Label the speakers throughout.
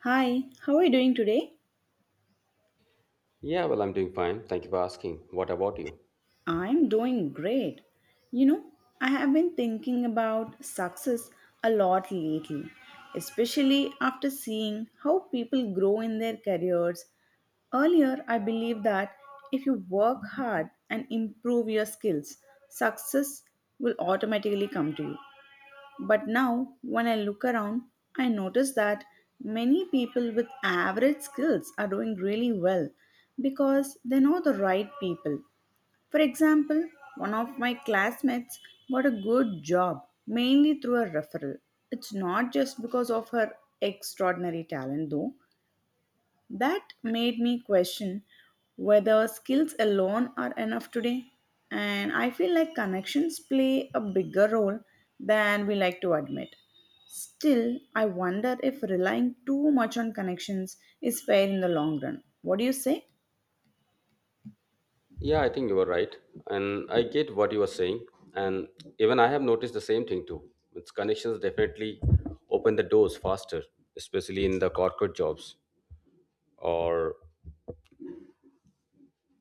Speaker 1: Hi, how are you doing today?
Speaker 2: Yeah, well, I'm doing fine. Thank you for asking. What about you?
Speaker 1: I'm doing great. You know, I have been thinking about success a lot lately, especially after seeing how people grow in their careers. Earlier, I believed that if you work hard and improve your skills, success will automatically come to you. But now, when I look around, I notice that many people with average skills are doing really well because they know the right people. For example, one of my classmates got a good job mainly through a referral. It's not just because of her extraordinary talent, though. That made me question whether skills alone are enough today. And I feel like connections play a bigger role than we like to admit. Still, I wonder if relying too much on connections is fair in the long run. What do you say?
Speaker 2: Yeah, I think you were right. And I get what you are saying. And even I have noticed the same thing too. Its connections definitely open the doors faster, especially in the corporate jobs or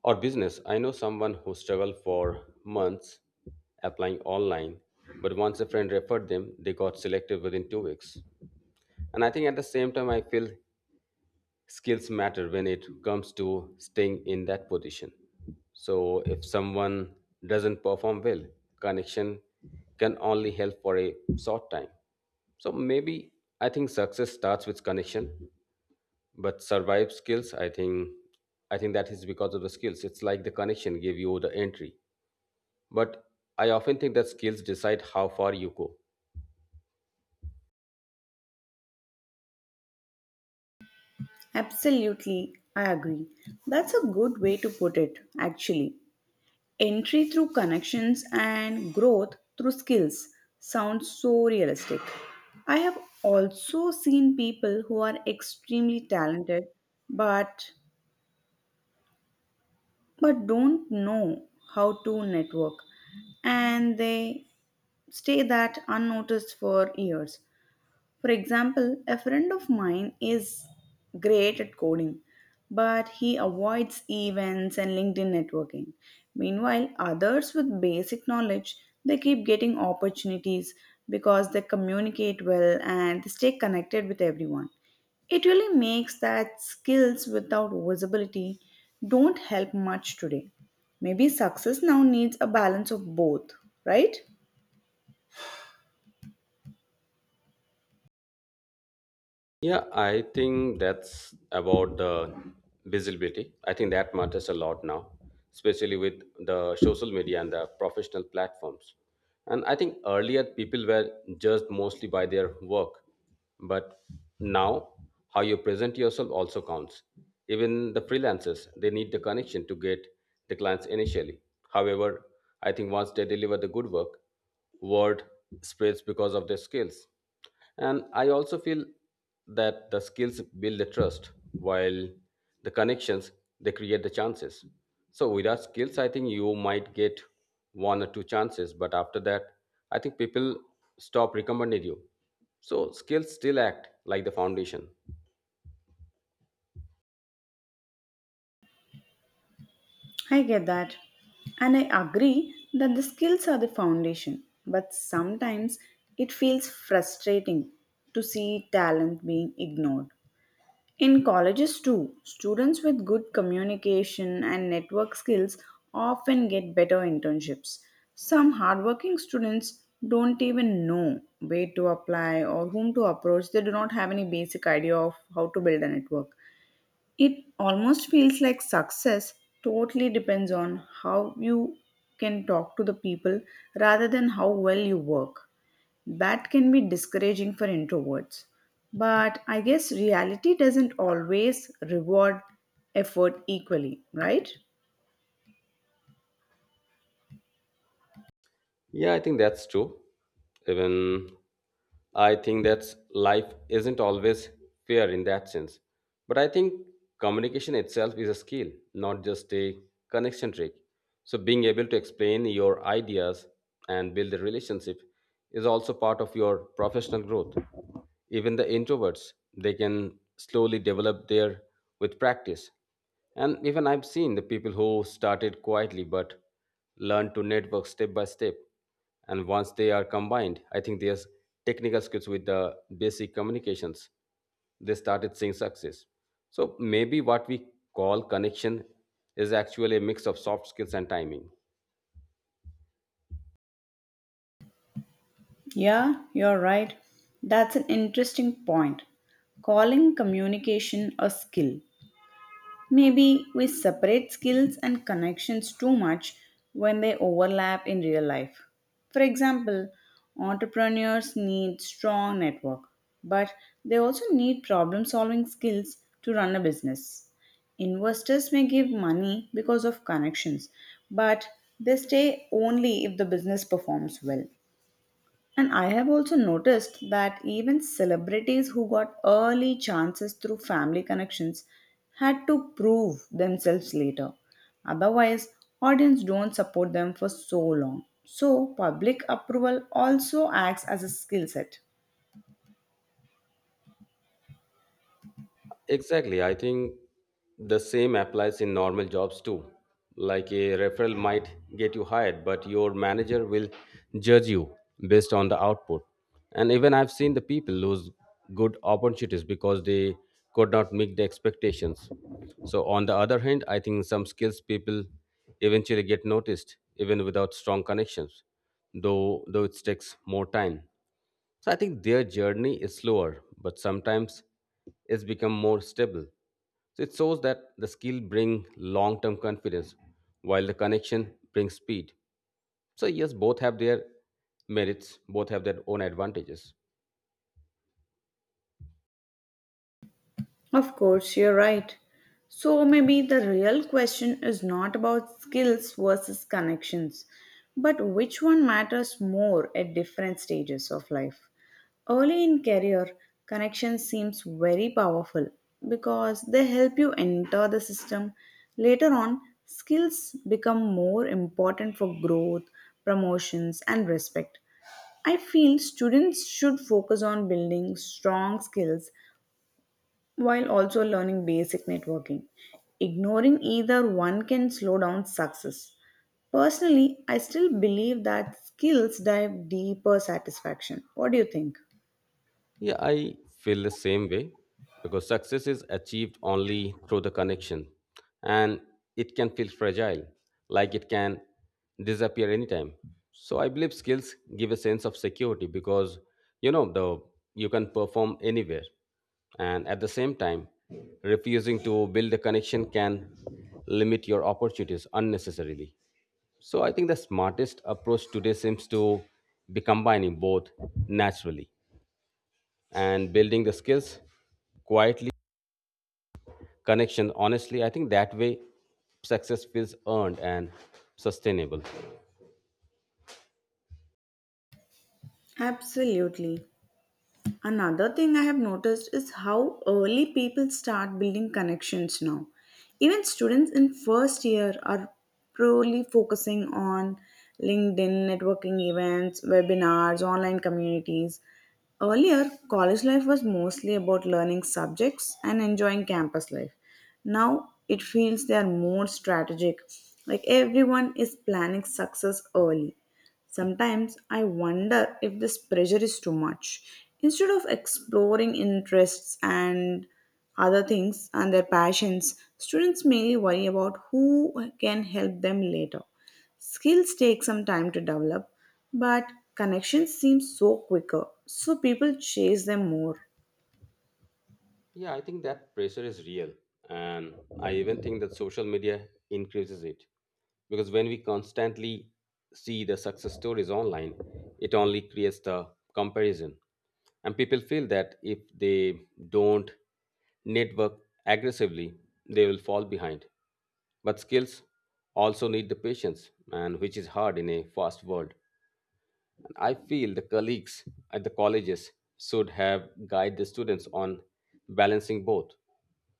Speaker 2: or business. I know someone who struggled for months applying online, but once a friend referred them, they got selected within 2 weeks. And I think at the same time I feel skills matter when it comes to staying in that position. So if someone doesn't perform well, connection can only help for a short time. So maybe I think success starts with connection, but survive skills, I think that is because of the skills. It's like the connection gave you the entry. But I often think that skills decide how far you go.
Speaker 1: Absolutely, I agree. That's a good way to put it, actually. Entry through connections and growth through skills sounds so realistic. I have also seen people who are extremely talented but but don't know how to network and they stay that unnoticed for years. For example, a friend of mine is great at coding, but he avoids events and LinkedIn networking. Meanwhile, others with basic knowledge, they keep getting opportunities because they communicate well and they stay connected with everyone. It really makes that skills without visibility don't help much today. Maybe success now needs a balance of both, right?
Speaker 2: Yeah, I think that's about the visibility. I think that matters a lot now, especially with the social media and the professional platforms. And I think earlier people were judged mostly by their work, but now how you present yourself also counts. Even the freelancers, they need the connection to get the clients initially. However, I think once they deliver the good work, word spreads because of their skills. And I also feel that the skills build the trust, while the connections they create the chances. So without skills, I think you might get one or two chances, but after that, I think people stop recommending you. So skills still act like the foundation.
Speaker 1: I get that. And I agree that the skills are the foundation, but sometimes it feels frustrating to see talent being ignored. In colleges, too, students with good communication and network skills often get better internships. Some hardworking students don't even know where to apply or whom to approach, they do not have any basic idea of how to build a network. It almost feels like success totally depends on how you can talk to the people rather than how well you work. That can be discouraging for introverts. But I guess reality doesn't always reward effort equally, right?
Speaker 2: Yeah, I think that's true. Even I think that life isn't always fair in that sense. But I think communication itself is a skill, not just a connection trick. So being able to explain your ideas and build a relationship is also part of your professional growth. Even the introverts, they can slowly develop their with practice. And even I've seen the people who started quietly but learned to network step by step. And once they are combined, I think there's technical skills with the basic communications. They started seeing success. So maybe what we call connection is actually a mix of soft skills and timing.
Speaker 1: Yeah, you're right. That's an interesting point. Calling communication a skill. Maybe we separate skills and connections too much when they overlap in real life. For example, entrepreneurs need strong network, but they also need problem solving skills to run a business. Investors may give money because of connections, but they stay only if the business performs well. And I have also noticed that even celebrities who got early chances through family connections had to prove themselves later. Otherwise, audience don't support them for so long. So, public approval also acts as a skill set.
Speaker 2: Exactly. I think the same applies in normal jobs too. Like a referral might get you hired, but your manager will judge you based on the output. And even I've seen the people lose good opportunities because they could not meet the expectations. So, on the other hand, I think some skills people eventually get noticed even without strong connections, though it takes more time. So I think their journey is slower, but sometimes it's become more stable. So it shows that the skill bring long-term confidence while the connection brings speed. So yes, both have their merits, both have their own advantages.
Speaker 1: Of course, you're right. So maybe the real question is not about skills versus connections, but which one matters more at different stages of life. Early in career, connection seems very powerful because they help you enter the system. Later on, skills become more important for growth, promotions, and respect. I feel students should focus on building strong skills while also learning basic networking. Ignoring either one can slow down success. Personally, I still believe that skills drive deeper satisfaction. What do you think?
Speaker 2: Yeah, I feel the same way because success is achieved only through the connection and it can feel fragile, like it can disappear anytime. So I believe skills give a sense of security because you know the you can perform anywhere, and at the same time refusing to build a connection can limit your opportunities unnecessarily. So I think the smartest approach today seems to be combining both naturally, and building the skills quietly, connection honestly. I think that way success feels earned and sustainable.
Speaker 1: Absolutely. Another thing I have noticed is how early people start building connections now. Even students in first year are purely focusing on LinkedIn, networking events, webinars, online communities. Earlier, college life was mostly about learning subjects and enjoying campus life. Now it feels they are more strategic, like everyone is planning success early. Sometimes I wonder if this pressure is too much. Instead of exploring interests and other things and their passions, students mainly worry about who can help them later. Skills take some time to develop, but connections seem so quicker, so people chase them more.
Speaker 2: Yeah, I think that pressure is real. And I even think that social media increases it. Because when we constantly see the success stories online, it only creates the comparison. And people feel that if they don't network aggressively, they will fall behind. But skills also need the patience, and which is hard in a fast world. I feel the colleagues at the colleges should have guided the students on balancing both.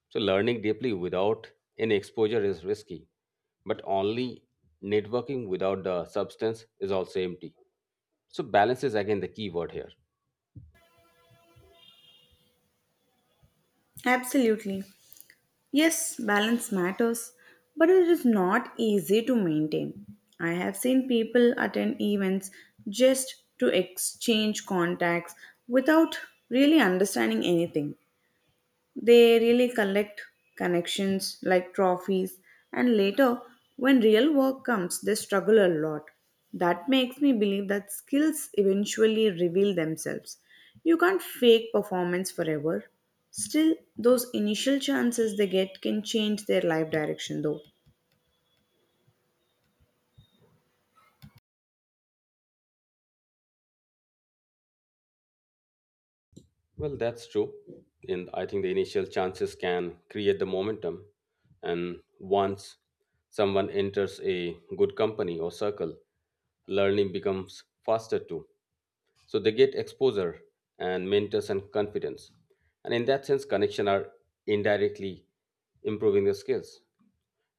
Speaker 2: So, learning deeply without any exposure is risky, but only networking without the substance is also empty. So, balance is again the key word here.
Speaker 1: Absolutely. Yes, balance matters, but it is not easy to maintain. I have seen people attend events just to exchange contacts without really understanding anything. They really collect connections like trophies, and later, when real work comes, they struggle a lot. That makes me believe that skills eventually reveal themselves. You can't fake performance forever. Still, those initial chances they get can change their life direction, though.
Speaker 2: Well, that's true. And I think the initial chances can create the momentum. And once someone enters a good company or circle, learning becomes faster too. So they get exposure and mentors and confidence. And in that sense, connection are indirectly improving their skills.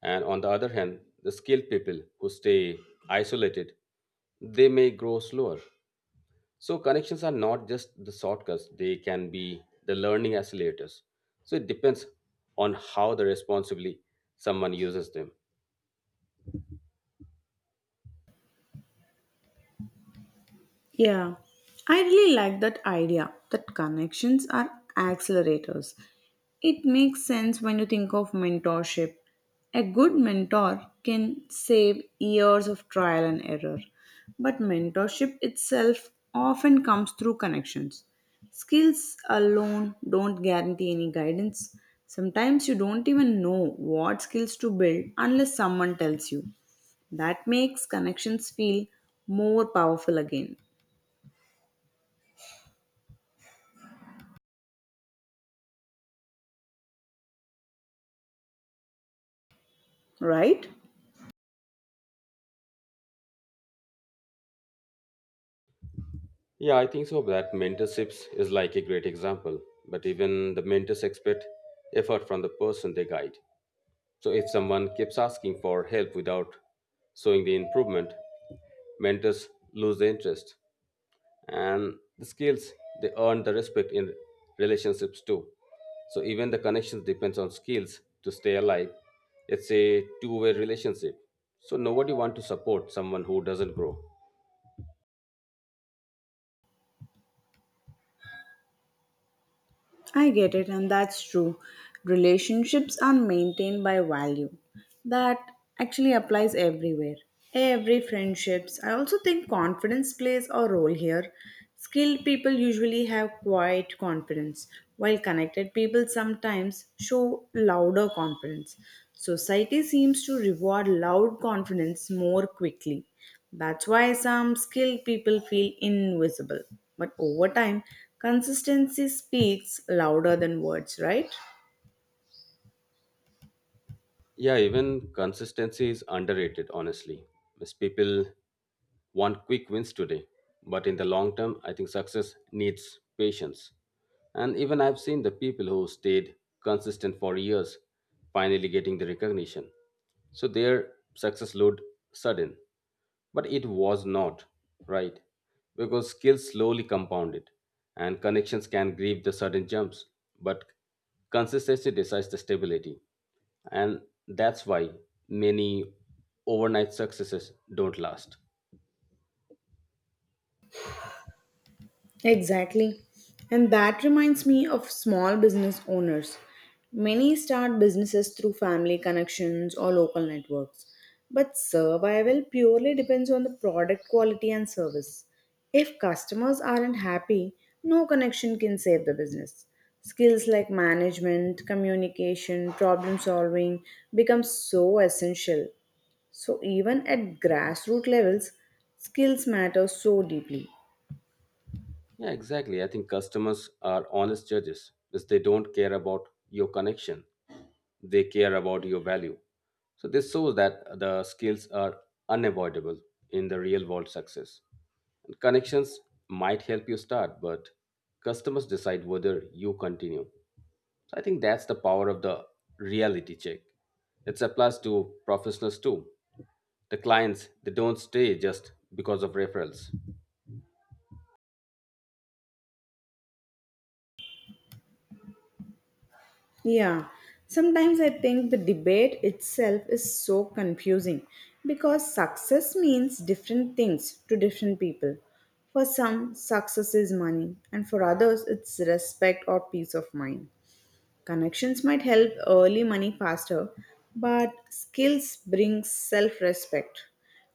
Speaker 2: And on the other hand, the skilled people who stay isolated, they may grow slower. So connections are not just the shortcuts, they can be the learning accelerators. So it depends on how the responsibly someone uses them.
Speaker 1: Yeah, I really like that idea that connections are accelerators. It makes sense when you think of mentorship. A good mentor can save years of trial and error, but mentorship itself often comes through connections. Skills alone don't guarantee any guidance. Sometimes you don't even know what skills to build unless someone tells you. That makes connections feel more powerful again, right?
Speaker 2: Yeah, I think so. That mentorships is like a great example, but even the mentors expect effort from the person they guide. So if someone keeps asking for help without showing the improvement, mentors lose the interest, and the skills they earn the respect in relationships too. So even the connections depends on skills to stay alive. It's a two-way relationship. So nobody want to support someone who doesn't grow.
Speaker 1: I get it, and that's true. Relationships are maintained by value. That actually applies everywhere. Every friendships. I also think confidence plays a role here. Skilled people usually have quiet confidence, while connected people sometimes show louder confidence. Society seems to reward loud confidence more quickly. That's why some skilled people feel invisible. But over time, consistency speaks louder than words, right?
Speaker 2: Yeah, even consistency is underrated, honestly. Most people want quick wins today, but in the long term, I think success needs patience. And even I've seen the people who stayed consistent for years finally getting the recognition. So their success load sudden. But it was not, right? Because skills slowly compounded and connections can grieve the sudden jumps, but consistency decides the stability. And that's why many overnight successes don't last.
Speaker 1: Exactly. And that reminds me of small business owners. Many start businesses through family connections or local networks. But survival purely depends on the product quality and service. If customers aren't happy, no connection can save the business. Skills like management, communication, problem solving become so essential. So even at grassroots levels, skills matter so deeply.
Speaker 2: Yeah, exactly. I think customers are honest judges because they don't care about your connection. They care about your value. So this shows that the skills are unavoidable in the real world success. And connections might help you start, but customers decide whether you continue. So I think that's the power of the reality check. It applies to professionals too. The clients, they don't stay just because of referrals.
Speaker 1: Yeah, sometimes I think the debate itself is so confusing because success means different things to different people. For some, success is money, and for others, it's respect or peace of mind. Connections might help early money faster, but skills bring self respect.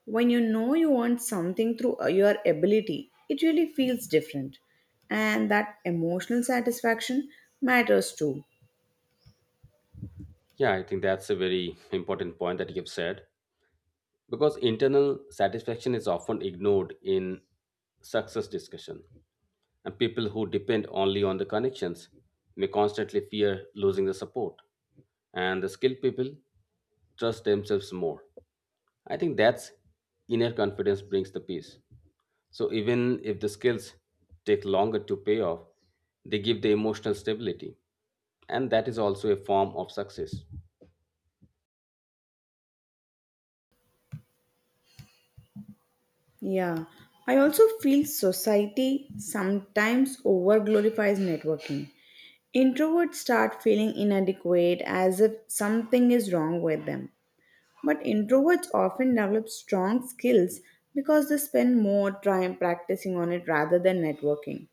Speaker 1: When you know you earned something through your ability, it really feels different. And that emotional satisfaction matters too.
Speaker 2: Yeah, I think that's a very important point that you've said. Because internal satisfaction is often ignored in success discussion, and people who depend only on the connections may constantly fear losing the support. And the skilled people trust themselves more. I think that's inner confidence brings the peace. So even if the skills take longer to pay off, they give the emotional stability, and that is also a form of success.
Speaker 1: Yeah, I also feel society sometimes over glorifies networking. Introverts start feeling inadequate as if something is wrong with them. But introverts often develop strong skills because they spend more time practicing on it rather than networking.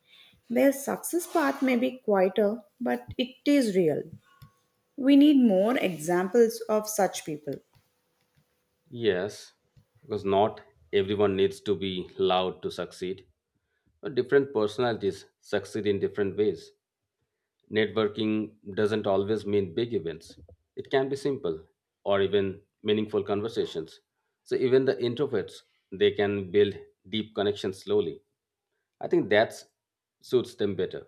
Speaker 1: Their success path may be quieter, but it is real. We need more examples of such people.
Speaker 2: Yes, because not everyone needs to be loud to succeed. Different personalities succeed in different ways. Networking doesn't always mean big events, it can be simple or even meaningful conversations. So, even the introverts, they can build deep connections slowly. I think that suits them better.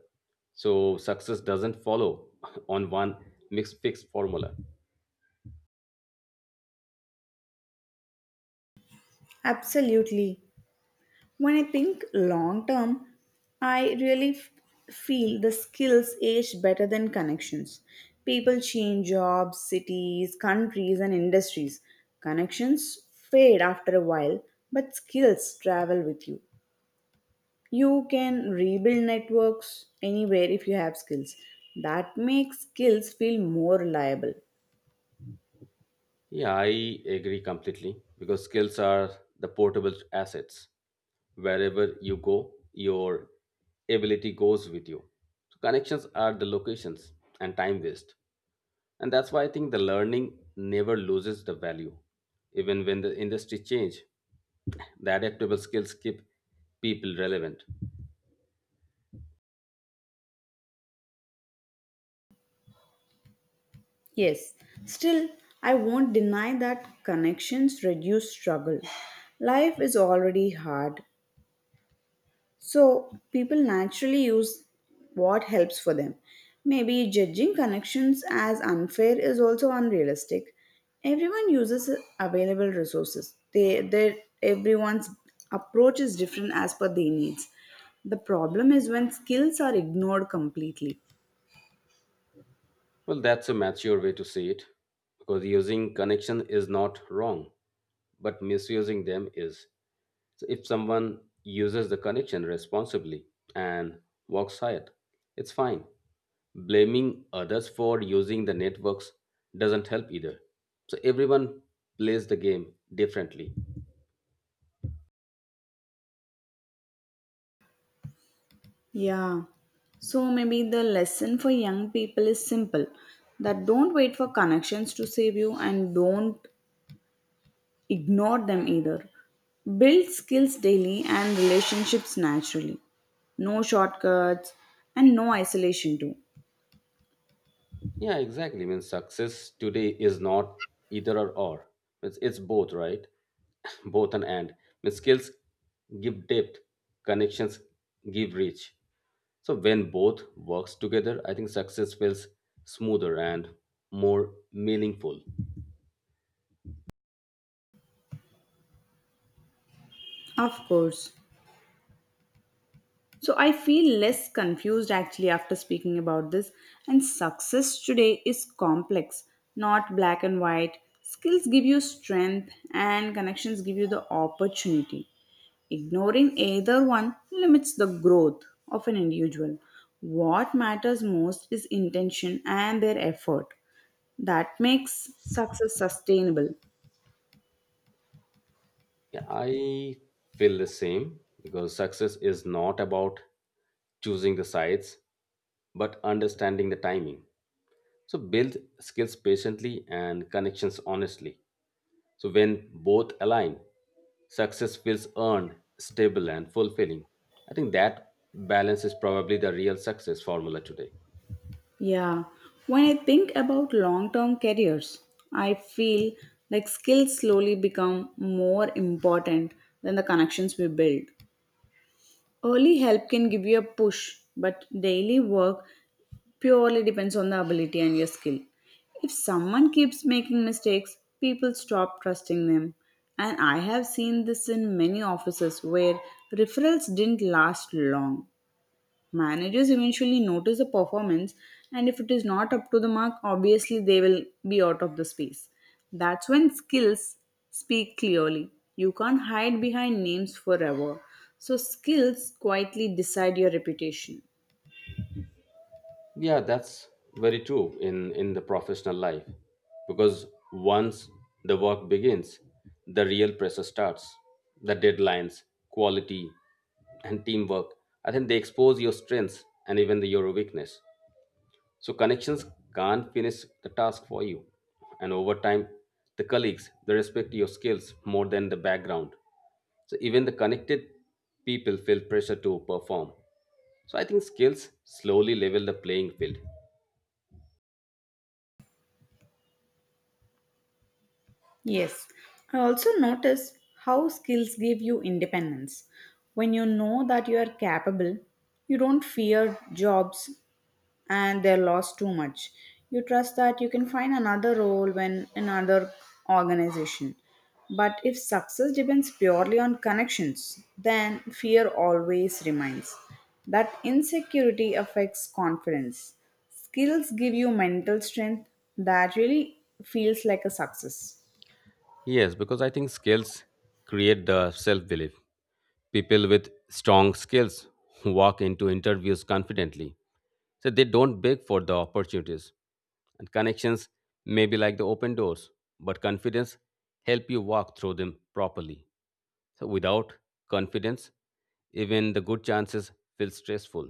Speaker 2: So, success doesn't follow on one mixed fixed formula.
Speaker 1: Absolutely. When I think long term, I really f- feel the skills age better than connections. People change jobs, cities, countries, and industries. Connections fade after a while, but skills travel with you. You can rebuild networks anywhere if you have skills. That makes skills feel more reliable.
Speaker 2: Yeah, I agree completely because skills are the portable assets. Wherever you go, your ability goes with you. So connections are the locations and time waste. And that's why I think the learning never loses the value. Even when the industry change, the adaptable skills keep people relevant.
Speaker 1: Yes, still, I won't deny that connections reduce struggle. Life is already hard. So people naturally use what helps for them. Maybe judging connections as unfair is also unrealistic. Everyone uses available resources. Everyone's approach is different as per their needs. The problem is when skills are ignored completely.
Speaker 2: Well, that's a mature way to see it because using connection is not wrong, but misusing them is. So if someone uses the connection responsibly and walks ahead, it's fine. Blaming others for using the networks doesn't help either. So everyone plays the game differently.
Speaker 1: Yeah. So maybe the lesson for young people is simple that don't wait for connections to save you and don't ignore them either. Build skills daily and relationships naturally. No shortcuts and no isolation, too.
Speaker 2: Yeah, exactly. I mean, success today is not either or. It's both, right? Both an and means skills give depth, connections give reach. So when both works together, I think success feels smoother and more meaningful.
Speaker 1: Of course. So I feel less confused actually after speaking about this. And success today is complex, not black and white. Skills give you strength, and connections give you the opportunity. Ignoring either one limits the growth of an individual. What matters most is intention and their effort. That makes success sustainable.
Speaker 2: Yeah, I feel the same because success is not about choosing the sides but understanding the timing. So build skills patiently and connections honestly. So, when both align, success feels earned, stable, and fulfilling. I think that balance is probably the real success formula today.
Speaker 1: Yeah, when I think about long term careers, I feel like skills slowly become more important than the connections we build. Early help can give you a push, but daily work purely depends on the ability and your skill. If someone keeps making mistakes, people stop trusting them. And I have seen this in many offices where referrals didn't last long. Managers eventually notice the performance, and if it is not up to the mark, obviously they will be out of the space. That's when skills speak clearly. You can't hide behind names forever. So, skills quietly decide your reputation.
Speaker 2: Yeah, that's very true in the professional life, because once the work begins, the real pressure starts. The deadlines, quality, and teamwork. I think they expose your strengths and even your weakness. So connections can't finish the task for you. And over time, the colleagues, they respect your skills more than the background. So even the connected people feel pressure to perform. So I think skills slowly level the playing field.
Speaker 1: Yes, I also notice how skills give you independence. When you know that you are capable, you don't fear jobs and they lost too much. You trust that you can find another role when another organization. But if success depends purely on connections, then fear always remains. That insecurity affects confidence. Skills give you mental strength that really feels like a success.
Speaker 2: Yes, because I think skills create the self belief. People with strong skills walk into interviews confidently. So they don't beg for the opportunities. And connections may be like the open doors, but confidence help you walk through them properly. So without confidence, even the good chances feel stressful.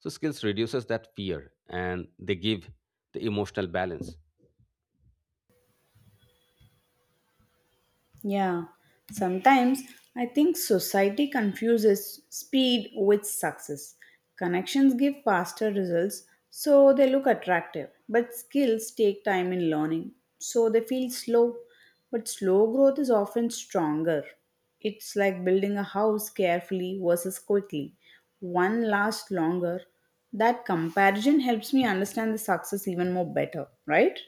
Speaker 2: So skills reduces that fear and they give the emotional balance.
Speaker 1: Yeah, sometimes I think society confuses speed with success. Connections give faster results, so they look attractive, but skills take time in learning, so they feel slow. But slow growth is often stronger. It's like building a house carefully versus quickly. One lasts longer. That comparison helps me understand the success even more better, right?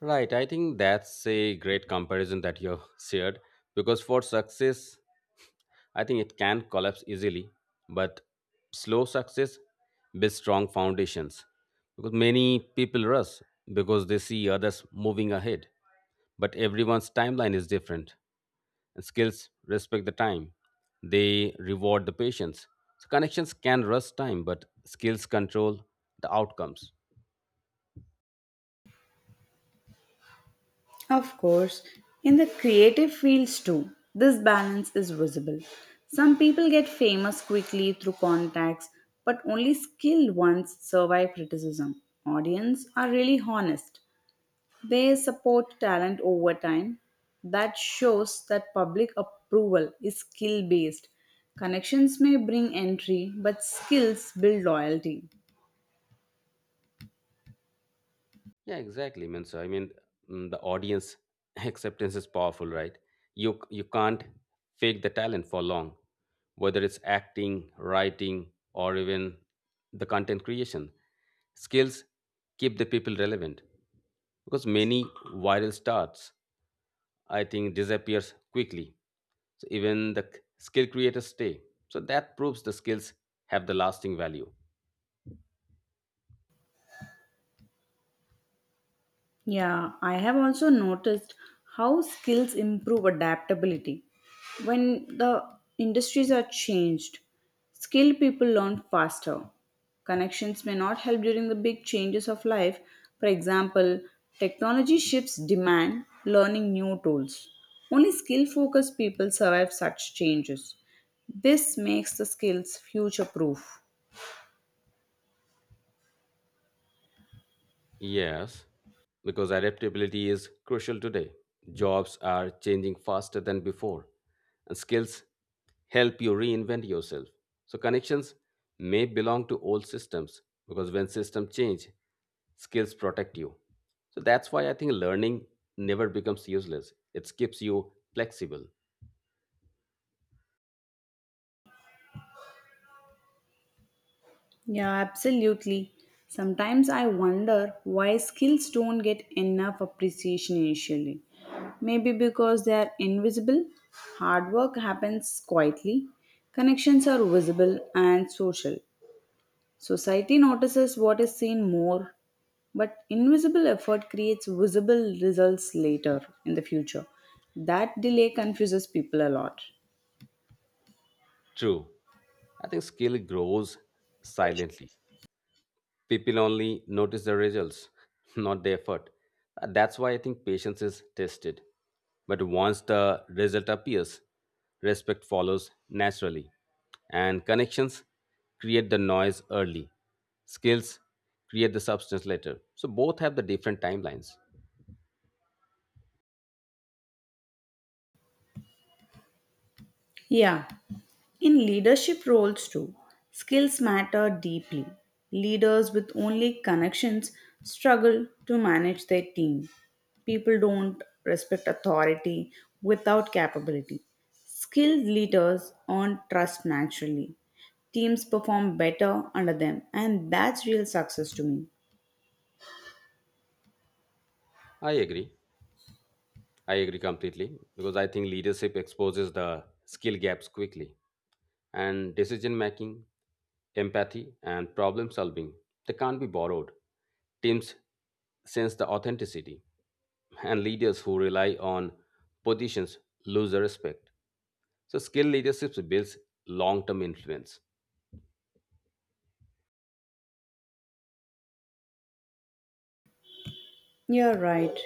Speaker 2: Right, I think that's a great comparison that you shared, because for success, I think it can collapse easily, but slow success builds strong foundations because many people rush because they see others moving ahead, but everyone's timeline is different. And skills respect the time, they reward the patience. So connections can rust time, but skills control the outcomes.
Speaker 1: Of course, in the creative fields too, this balance is visible. Some people get famous quickly through contacts, but only skilled ones survive criticism. Audience are really honest. They support talent over time. That shows that public approval is skill based. Connections may bring entry, but skills build loyalty.
Speaker 2: Yeah, exactly. means I mean the audience acceptance is powerful, right? You can't fake the talent for long, whether it's acting, writing, or even the content creation. Skills keep the people relevant because many viral starts, I think, disappears quickly. So even the skill creators stay. So that proves the skills have the lasting value.
Speaker 1: Yeah, I have also noticed how skills improve adaptability. When the industries are changed, skilled people learn faster. Connections may not help during the big changes of life. For example, technology shifts demand learning new tools. Only skill focused people survive such changes. This makes the skills future proof.
Speaker 2: Yes, because adaptability is crucial today. Jobs are changing faster than before, and skills help you reinvent yourself. So connections may belong to old systems because when systems change, skills protect you. So that's why I think learning never becomes useless. It keeps you flexible.
Speaker 1: Yeah, absolutely. Sometimes I wonder why skills don't get enough appreciation initially. Maybe because they are invisible, hard work happens quietly, connections are visible and social. Society notices what is seen more, but invisible effort creates visible results later in the future. That delay confuses people a lot.
Speaker 2: True. I think skill grows silently. People only notice the results, not the effort. That's why I think patience is tested. But once the result appears, respect follows naturally. And connections create the noise early, skills create the substance later. So both have the different timelines.
Speaker 1: Yeah, in leadership roles, too, skills matter deeply. Leaders with only connections struggle to manage their team. People don't respect authority without capability. Skilled leaders earn trust naturally. Teams perform better under them, and that's real success to me.
Speaker 2: I agree. I agree completely because I think leadership exposes the skill gaps quickly. And decision making, empathy, and problem solving. They can't be borrowed. Teams sense the authenticity, and leaders who rely on positions lose the respect. So, skill leadership builds long term influence.
Speaker 1: You're right.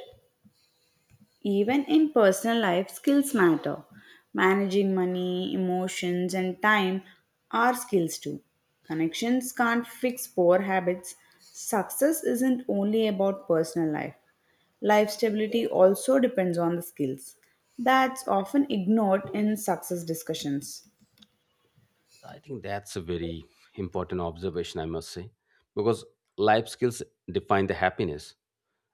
Speaker 1: Even in personal life, skills matter. Managing money, emotions, and time are skills too. Connections can't fix poor habits. Success isn't only about personal life. Life stability also depends on the skills. That's often ignored in success discussions.
Speaker 2: I think that's a very important observation, I must say, because life skills define the happiness,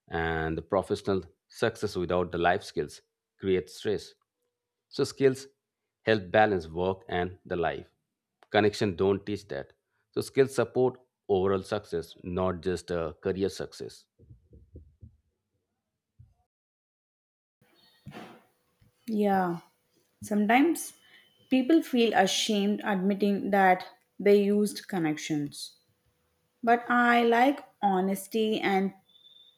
Speaker 2: and the professional success without the life skills creates stress. So skills help balance work and the life. Connection don't teach that. So skills support overall success, not just career success.
Speaker 1: Yeah. Sometimes people feel ashamed admitting that they used connections. But I like honesty and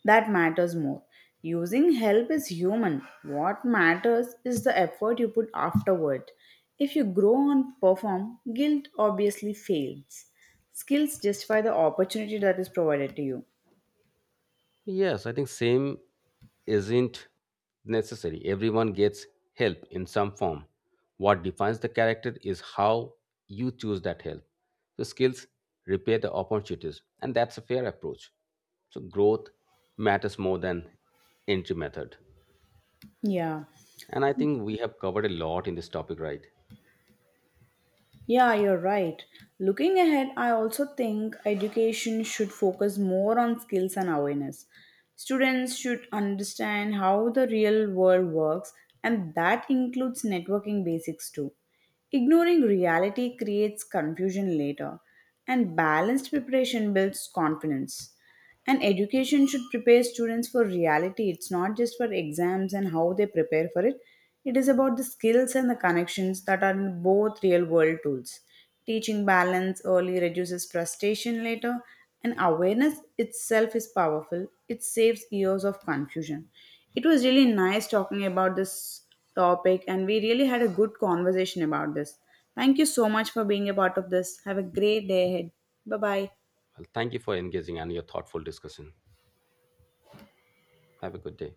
Speaker 1: that matters more. Using help is human. What matters is the effort you put afterward. If you grow and perform, guilt obviously fails. Skills justify the opportunity that is provided to you.
Speaker 2: Yes, I think same isn't necessary. Everyone gets help in some form. What defines the character is how you choose that help. So skills repair the opportunities, and that's a fair approach. So growth matters more than entry method.
Speaker 1: Yeah,
Speaker 2: And I think we have covered a lot in this topic, right?
Speaker 1: yeah, you're right. Looking ahead, I also think education should focus more on skills and awareness. Students should understand how the real world works, and that includes networking basics too. Ignoring reality creates confusion later, and balanced preparation builds confidence. And education should prepare students for reality. It's not just for exams and how they prepare for it, it is about the skills and the connections that are in both real world tools. Teaching balance early reduces frustration later, and awareness itself is powerful. It saves years of confusion. It was really nice talking about this topic, and we really had a good conversation about this. Thank you so much for being a part of this. Have a great day ahead. Bye bye.
Speaker 2: Well, thank you for engaging and your thoughtful discussion. Have a good day.